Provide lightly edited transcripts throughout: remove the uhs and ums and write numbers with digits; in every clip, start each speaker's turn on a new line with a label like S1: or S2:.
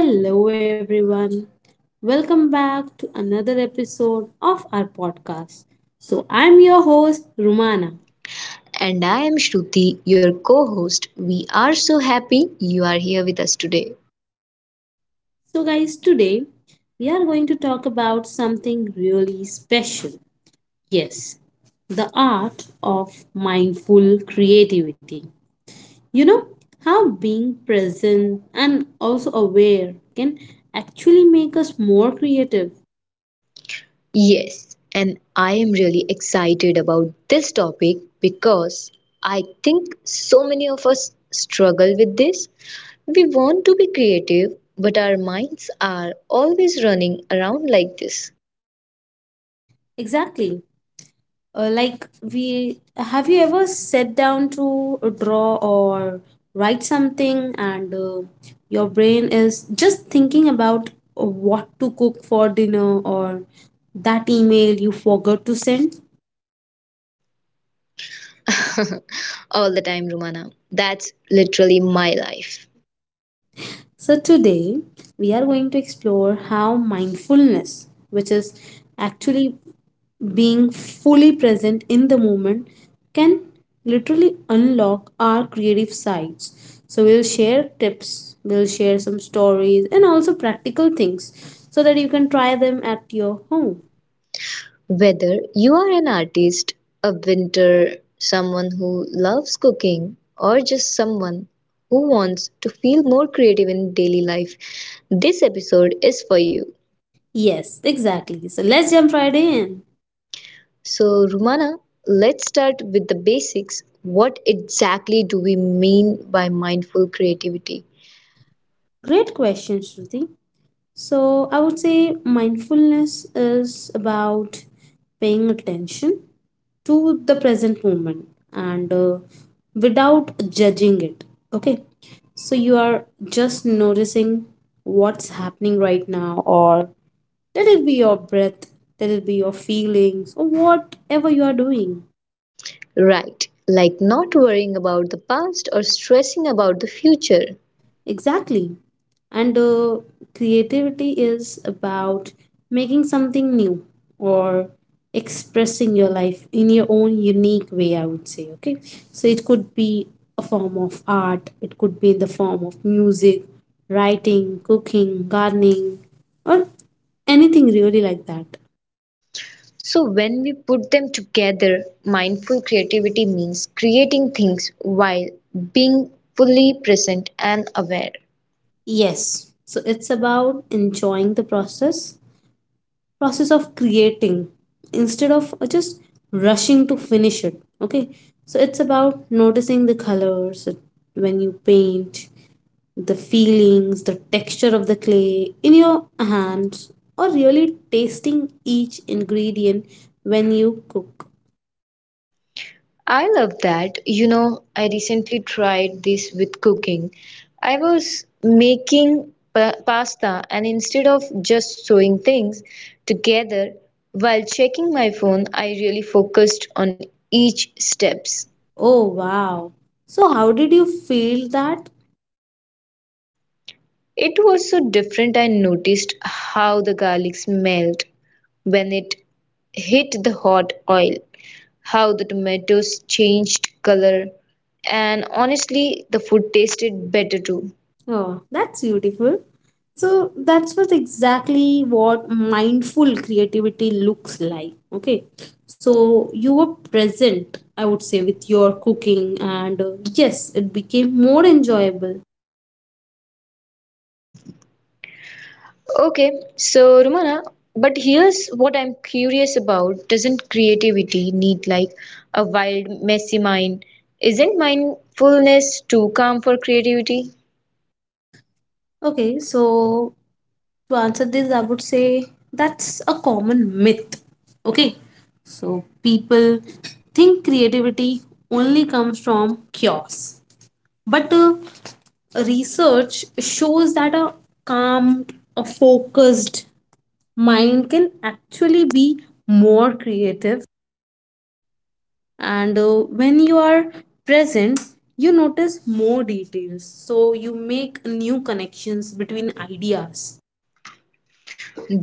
S1: Hello, everyone. Welcome back to another episode of our podcast. So, I'm your host, Rumana.
S2: And I am Shruti, your co host. We are so happy you are here with us today.
S1: So, guys, today we are going to talk about something really special. Yes, the art of mindful creativity. You know how being present and also aware can actually make us more creative.
S2: Yes, and I am really excited about this topic because I think so many of us struggle with this. We want to be creative, but our minds are always running around like this
S1: Exactly. Like we have you ever sat down to draw or write something and your brain is just thinking about what to cook for dinner or that email you forgot to send?
S2: all the time, Rumana. That's literally my life.
S1: So, today we are going to explore how mindfulness, which is actually being fully present in the moment, can literally unlock our creative sides. So, we'll share tips, we'll share some stories, and also practical things so that you can try them at your home.
S2: Whether you are an artist, a winter, someone who loves cooking, or just someone who wants to feel more creative in daily life, this episode is for you.
S1: Yes, exactly. So, let's jump right in.
S2: So, Rumana, let's start with the basics. What exactly do we mean by mindful creativity?
S1: Great question, Shruti. So I would say mindfulness is about paying attention to the present moment and without judging it. Okay. So you are just noticing what's happening right now, or let it be your breath, let it be your feelings, or whatever you are doing.
S2: Right, like not worrying about the past or stressing about the future.
S1: Exactly. And creativity is about making something new or expressing your life in your own unique way, I would say. Okay. So it could be a form of art, it could be in the form of music, writing, cooking, gardening, or anything really like that.
S2: So, when we put them together, mindful creativity means creating things while being fully present and aware.
S1: Yes. So it's about enjoying the process of creating instead of just rushing to finish it. Okay, so it's about noticing the colors when you paint, the feelings, the texture of the clay in your hands, or really tasting each ingredient when you cook.
S2: I love that. You know, I recently tried this with cooking. I was making pasta, and instead of just sewing things together while checking my phone, I really focused on each steps.
S1: Oh wow, so how did you feel that?
S2: It was so different. I noticed how the garlic smelled when it hit the hot oil, how the tomatoes changed color, and honestly, the food tasted better too.
S1: Oh, that's beautiful. So that's what exactly what mindful creativity looks like. Okay. So you were present, I would say, with your cooking, and yes, it became more enjoyable.
S2: Okay, so Rumana, but here's what I'm curious about. Doesn't creativity need like a wild, messy mind? Isn't mindfulness too calm for creativity?
S1: Okay. So to answer this, I would say that's a common myth. Okay. So people think creativity only comes from chaos. But research shows that a calm, a focused mind can actually be more creative. And when you are present, you notice more details. So you make new connections between ideas.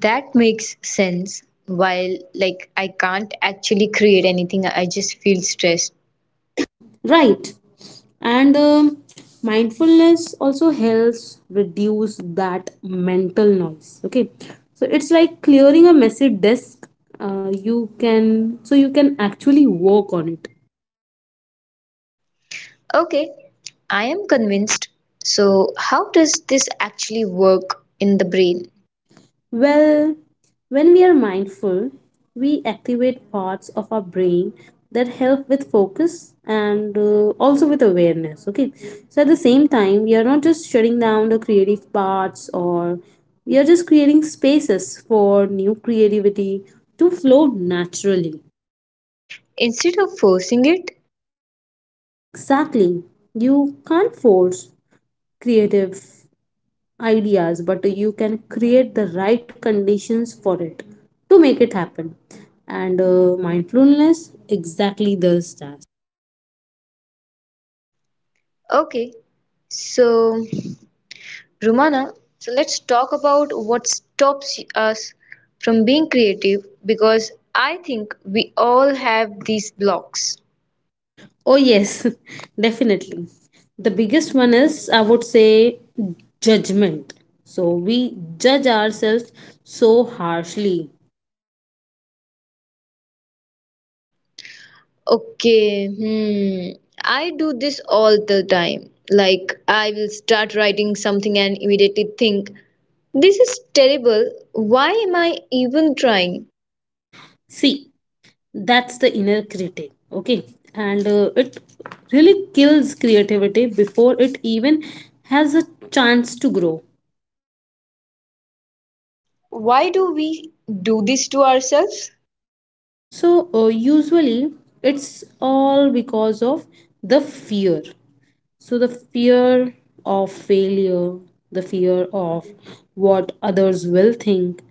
S2: That makes sense. While, like, I can't actually create anything, I just feel stressed.
S1: Right. And mindfulness also helps reduce that mental noise. Okay. So it's like clearing a messy desk. You can, so you can actually work on it.
S2: Okay, I am convinced. So, how does this actually work in the brain?
S1: Well, when we are mindful, we activate parts of our brain that help with focus and also with awareness. Okay, so at the same time, we are not just shutting down the creative parts, or we are just creating spaces for new creativity to flow naturally.
S2: Instead of forcing it?
S1: Exactly, you can't force creative ideas, but you can create the right conditions for it to make it happen. And mindfulness exactly does that.
S2: Okay, so, Rumana, so let's talk about what stops us from being creative because I think we all have these blocks.
S1: Oh yes, definitely. The biggest one is I would say judgment. So we judge ourselves so harshly.
S2: Okay, hmm. I do this all the time. Like, I will start writing something and immediately think, this is terrible. Why am I even trying?
S1: See, that's the inner critic. Okay, and it really kills creativity before it even has a chance to grow.
S2: Why do we do this to ourselves?
S1: So usually it's all because of the fear. So the fear of failure, the fear of what others will think,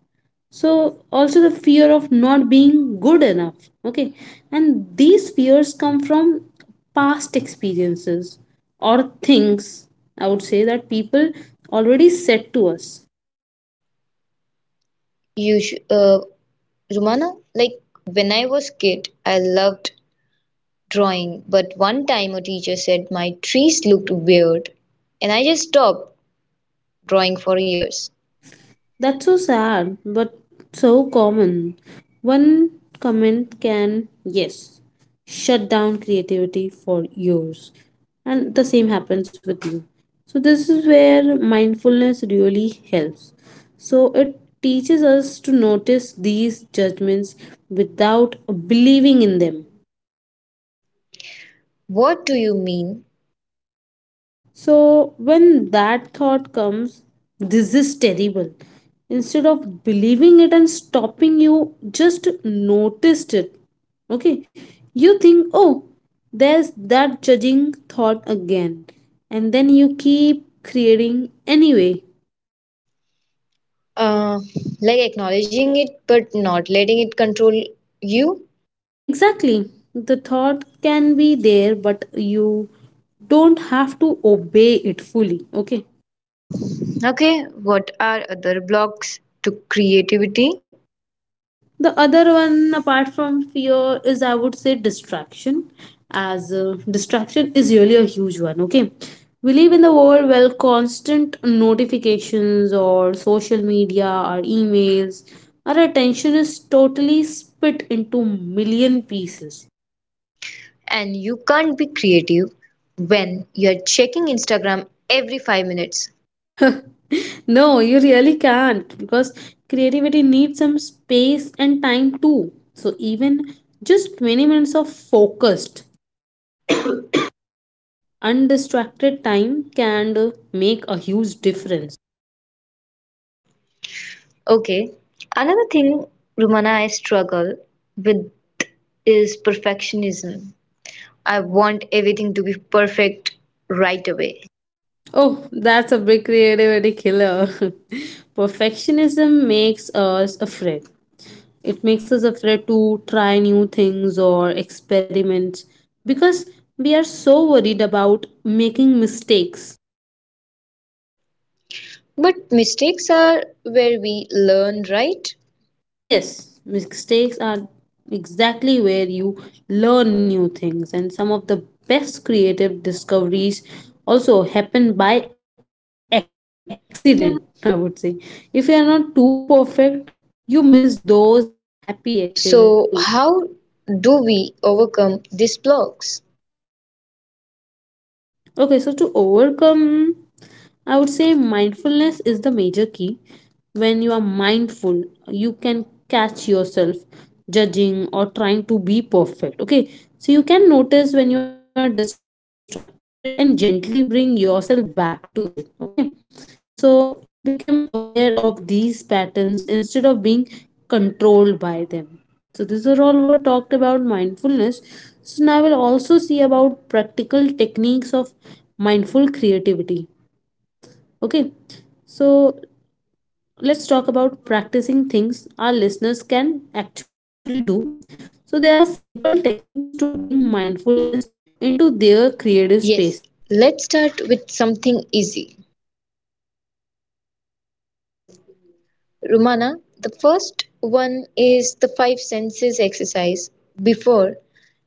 S1: so also the fear of not being good enough. Okay, and these fears come from past experiences or things, I would say, that people already said to us.
S2: You sh Rumana, like when I was kid, I loved drawing, but one time a teacher said my trees looked weird, and I just stopped drawing for years.
S1: That's so sad, but so common. One comment can, yes, shut down creativity for years. And the same happens with you. So, this is where mindfulness really helps. So, it teaches us to notice these judgments without believing in them.
S2: What do you mean?
S1: So when that thought comes, this is terrible. Instead of believing it and stopping, you just noticed it. Okay, you think, oh, there's that judging thought again, and then you keep creating anyway.
S2: uh, like acknowledging it but not letting it control you.
S1: Exactly, the thought can be there, but you don't have to obey it fully. Okay.
S2: Okay, what are other blocks to creativity?
S1: The other one apart from fear is I would say distraction, as distraction is really a huge one. Okay, we live in the world where constant notifications or social media or emails, our attention is totally split into million pieces.
S2: And you can't be creative when you're checking Instagram every 5 minutes.
S1: No you really can't, because creativity needs some space and time too. So even just 20 minutes of focused, undistracted time can make a huge difference.
S2: Okay, another thing, Rumana, I struggle with is perfectionism. I want everything to be perfect right away.
S1: Oh, that's a big creativity killer. Perfectionism makes us afraid. It makes us afraid to try new things or experiment because we are so worried about making mistakes.
S2: But mistakes are where we learn, right?
S1: Yes, mistakes are exactly where you learn new things, and some of the best creative discoveries also happen by accident, I would say. If you are not too perfect, you miss those happy accident too.
S2: So, how do we overcome these blocks?
S1: Okay, so to overcome I would say mindfulness is the major key. When you are mindful, you can catch yourself judging or trying to be perfect. Okay. So you can notice when you are distracted and gently bring yourself back to it. Okay. So you become aware of these patterns instead of being controlled by them. So these are all what talked about mindfulness. So now we'll also see about practical techniques of mindful creativity. Okay, so let's talk about practicing things our listeners can actually do. So, there are simple techniques to bring mindfulness into their creative spaces.
S2: Yes, let's start with something easy. Rumana, the first one is the five senses exercise. Before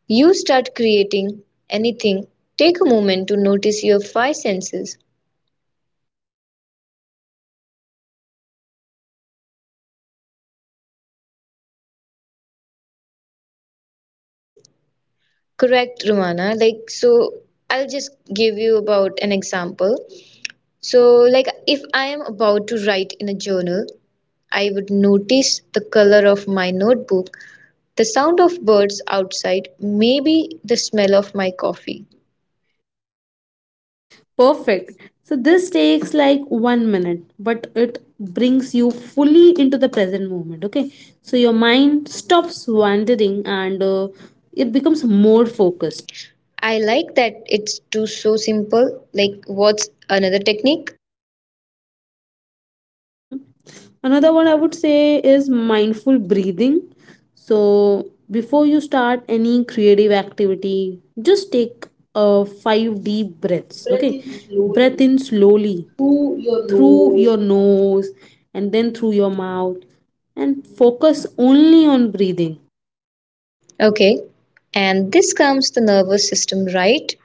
S2: you start creating anything, take a moment to notice your five senses.
S1: So, what do you see, hear, smell, taste, and feel, right?
S2: Correct, Rumana. Like, so I'll just give you about an example. So, like, if I am about to write in a journal, I would notice the color of my notebook. The sound of birds outside, maybe the smell of my coffee.
S1: Perfect. So, this takes like 1 minute, but it brings you fully into the present moment. Okay, so your mind stops wandering and it becomes more focused.
S2: I like that it's too so simple. Like, what's another technique?
S1: Another one I would say is mindful breathing. So, before you start any creative activity, just take five deep breaths.
S2: Breathe
S1: Okay,
S2: in
S1: breath
S2: slowly
S1: in slowly
S2: through your
S1: through your
S2: nose.
S1: nose and then through your mouth, and focus only on breathing.
S2: Okay, and this comes the nervous system, right?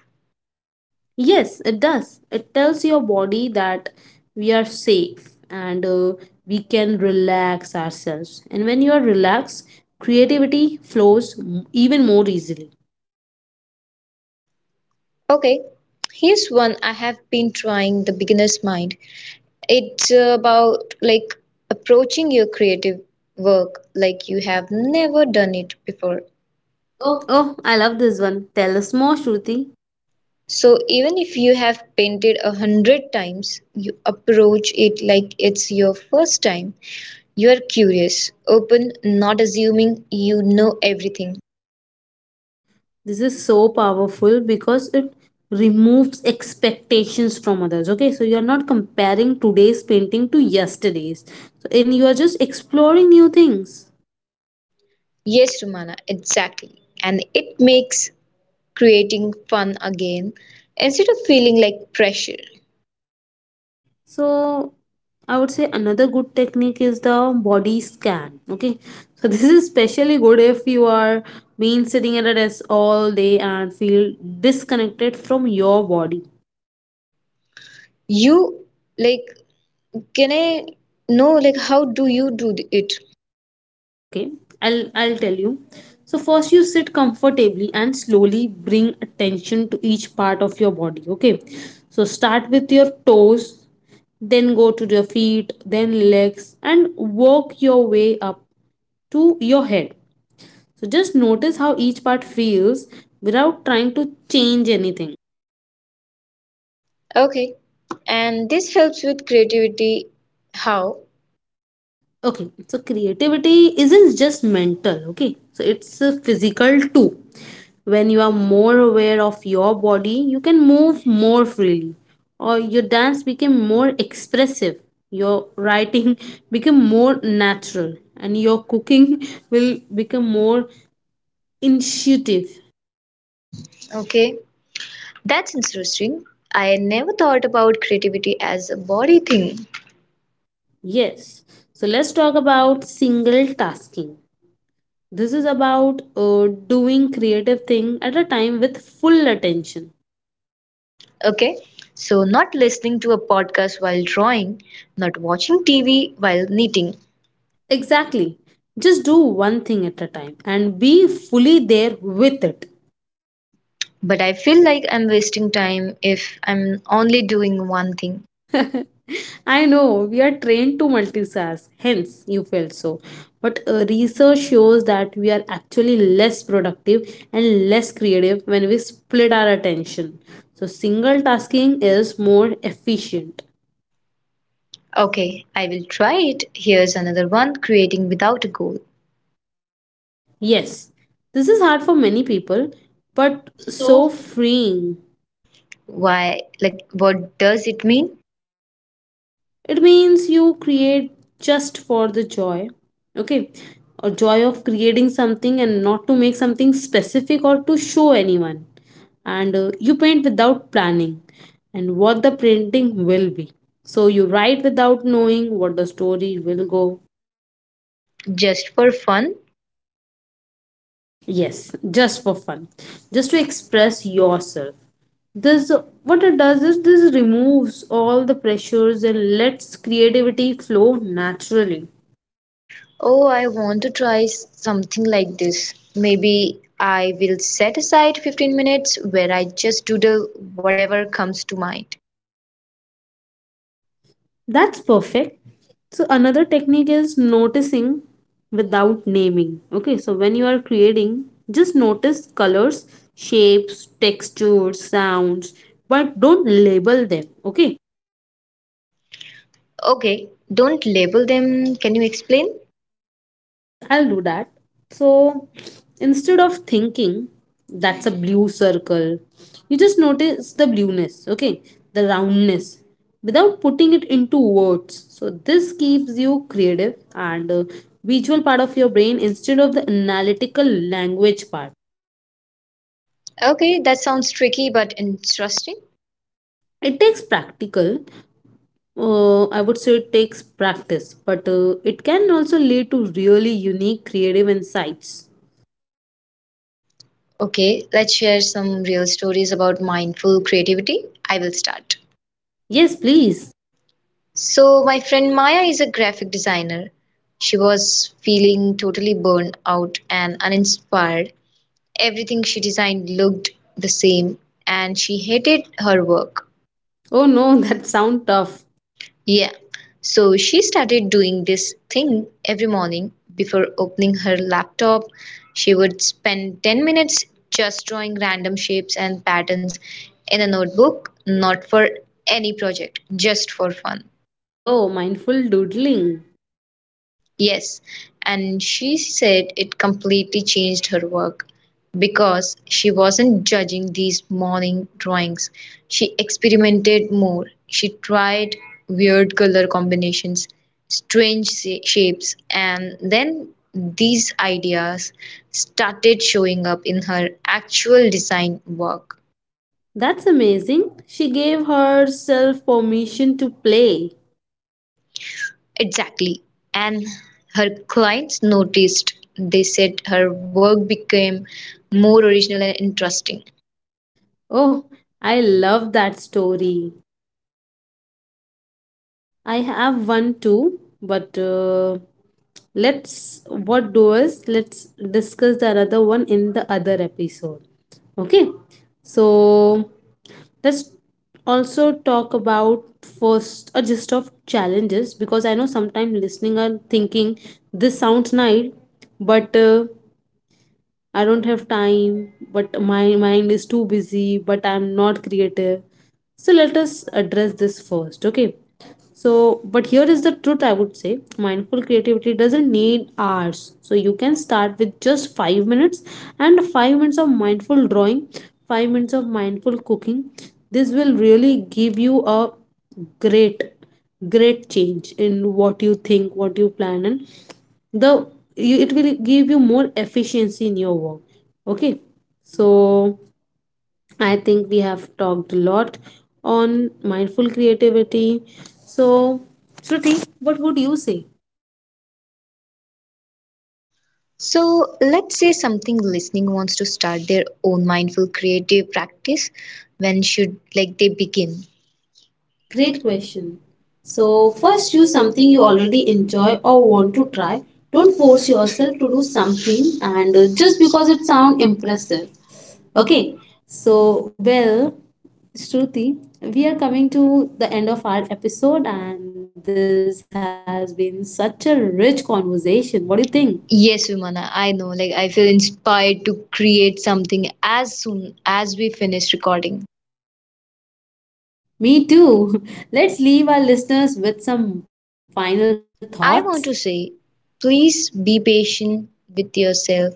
S1: Yes, it does. It tells your body that we are safe and we can relax ourselves. And when you are relaxed, creativity flows even more easily.
S2: Okay, here's one I have been trying the beginner's mind. It's about like approaching your creative work like you have never done it before. Oh.
S1: Oh, I love this one. Tell us more, Shruti.
S2: So even if you have painted 100 times, you approach it like it's your first time. You are curious, open, not assuming you know everything.
S1: This is so powerful because it removes expectations from others. Okay, so you are not comparing today's painting to yesterday's, so, and you are just exploring new things.
S2: Yes, Romana, exactly. And it makes creating fun again instead of feeling like pressure.
S1: So I would say another good technique is the body scan. Okay. So this is especially good if you are been sitting at a desk all day and feel disconnected from your body.
S2: You like, can I know like how do you do it?
S1: Okay. I'll tell you. So first you sit comfortably and slowly bring attention to each part of your body. Okay. So start with your toes, then go to your feet, then legs and work your way up to your head. So just notice how each part feels without trying to change anything.
S2: Okay. And this helps with creativity. How?
S1: Okay, so creativity isn't just mental, okay? So it's physical too. When you are more aware of your body, you can move more freely, or your dance became more expressive, your writing become more natural, and your cooking will become more intuitive.
S2: Okay. That's interesting. I never thought about creativity as a body thing.
S1: Yes, so let's talk about single tasking. This is about doing creative thing at a time with full attention.
S2: Okay. So, not listening to a podcast while drawing, not watching TV while knitting.
S1: Exactly. Just do one thing at a time and be fully there with it.
S2: But I feel like I'm wasting time if I'm only doing one thing.
S1: I know we are trained to multitask, hence you felt so. But research shows that we are actually less productive and less creative when we split our attention. So single tasking is more efficient.
S2: Okay, I will try it. Here's another one creating without a goal.
S1: Yes, this is hard for many people, but so
S2: So,
S1: freeing.
S2: why, like, what does it mean?
S1: It means you create just for the joy. Okay, or joy of creating something and not to make something specific or to show anyone. And you paint without planning and what the printing will be. So you write without knowing what the story will go.
S2: Just for fun?
S1: Yes, just for fun, just to express yourself. This what it does is this removes all the pressures and lets creativity flow naturally.
S2: Oh, I want to try something like this. Maybe I will set aside 15 minutes where I just doodle whatever comes to mind.
S1: That's perfect. So another technique is noticing without naming. Okay, so when you are creating, just notice colors, shapes, textures, sounds, but don't label them. Okay,
S2: Okay, don't label them. Can you explain?
S1: yes, I'll do that. So instead of thinking that's a blue circle, you just notice the blueness, okay, the roundness without putting it into words. So this keeps you creative and visual part of your brain instead of the analytical language part.
S2: Okay, that sounds tricky but interesting.
S1: It takes practical, I would say it takes practice, but it can also lead to really unique creative insights.
S2: Okay, let's share some real stories about mindful creativity. I will start.
S1: Yes, please.
S2: So, my friend Maya is a graphic designer. She was feeling totally burned out and uninspired. Everything she designed looked the same and she hated her work.
S1: Oh no, that sound tough.
S2: Yeah, so she started doing this thing every morning before opening her laptop. She would spend 10 minutes just drawing random shapes and patterns in a notebook, not for any project, just for fun.
S1: Oh, mindful doodling.
S2: Yes, and she said it completely changed her work because she wasn't judging these morning drawings. She experimented more. She tried weird color combinations, strange shapes, and then these ideas started showing up in her actual design work.
S1: That's amazing. She gave herself permission to play.
S2: Exactly. And her clients noticed. They said her work became more original and interesting.
S1: Oh, I love that story. I have one too, but let's what do is let's discuss the other one in the other episode. Okay, so let's also talk about first a gist of challenges because I know sometimes listening and thinking this sounds nice, but I don't have time, but my mind is too busy, but I'm not creative. So let us address this first, okay? So, but here is the truth I would say mindful creativity doesn't need hours. So, you can start with just 5 minutes and 5 minutes of mindful drawing, 5 minutes of mindful cooking. This will really give you a great, great change in what you think, what you plan, and the you, it will give you more efficiency in your work. Okay, so I think we have talked a lot on mindful creativity. So Shruti, what would you say?
S2: So let's say something listening wants to start their own mindful creative practice. When should like they begin?
S1: Great
S2: Great
S1: question.
S2: question.
S1: So,
S2: So,
S1: first
S2: first
S1: choose
S2: choose
S1: something
S2: something
S1: you
S2: you
S1: already
S2: already enjoy
S1: enjoy
S2: or
S1: or want
S2: want
S1: to
S2: to
S1: try.
S2: try.
S1: Don't
S2: Don't
S1: force
S2: force
S1: yourself
S2: yourself to
S1: to do
S2: do
S1: something
S2: something
S1: and
S2: and
S1: just
S2: just
S1: because
S2: because it
S1: it
S2: sounds
S1: sounds
S2: impressive.
S1: impressive.
S2: Okay.
S1: Okay, so well, Shruti, we are coming to the end of our episode, and this has been such a rich conversation. What do you think?
S2: Yes, Vimana, I know. Like I feel inspired to create something as soon as we finish recording.
S1: Me too. Let's leave our listeners with some final thoughts.
S2: I want to say, please be patient with yourself.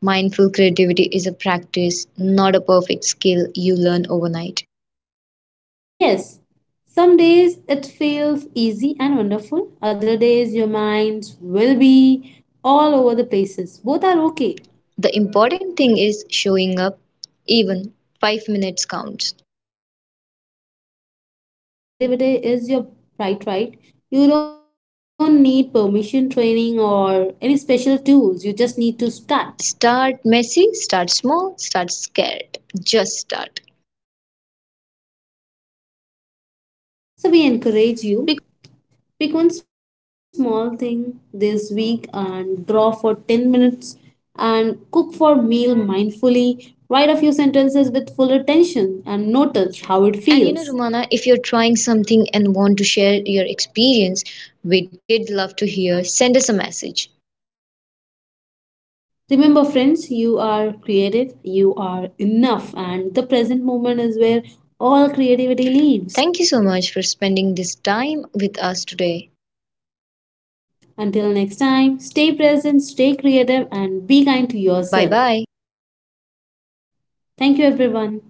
S2: Mindful creativity is a practice, not a perfect skill you learn overnight.
S1: Yes, some days it feels easy and wonderful, other days your minds will be all over the places. Both are okay.
S2: The important thing is showing up, even 5 minutes counts.
S1: And remember, creativity is your bright right. You don't need permission training or any special tools, you just need to start.
S2: Start messy, start small, start scared. Just start.
S1: So, we encourage you, pick one small thing this week and draw for 10 minutes and cook for meal mindfully. Write a few sentences with full attention and notice how it
S2: And you know,
S1: feels.
S2: Romana, if you're trying something and want to share your experience, we did love to hear. Send us a message.
S1: Remember, friends, you are creative, you are enough, and the present moment is where all creativity lives.
S2: Thank you so much for spending this time with us today.
S1: Until next time, stay present, stay creative, and be kind to
S2: Bye
S1: yourself.
S2: bye.
S1: Thank you, everyone.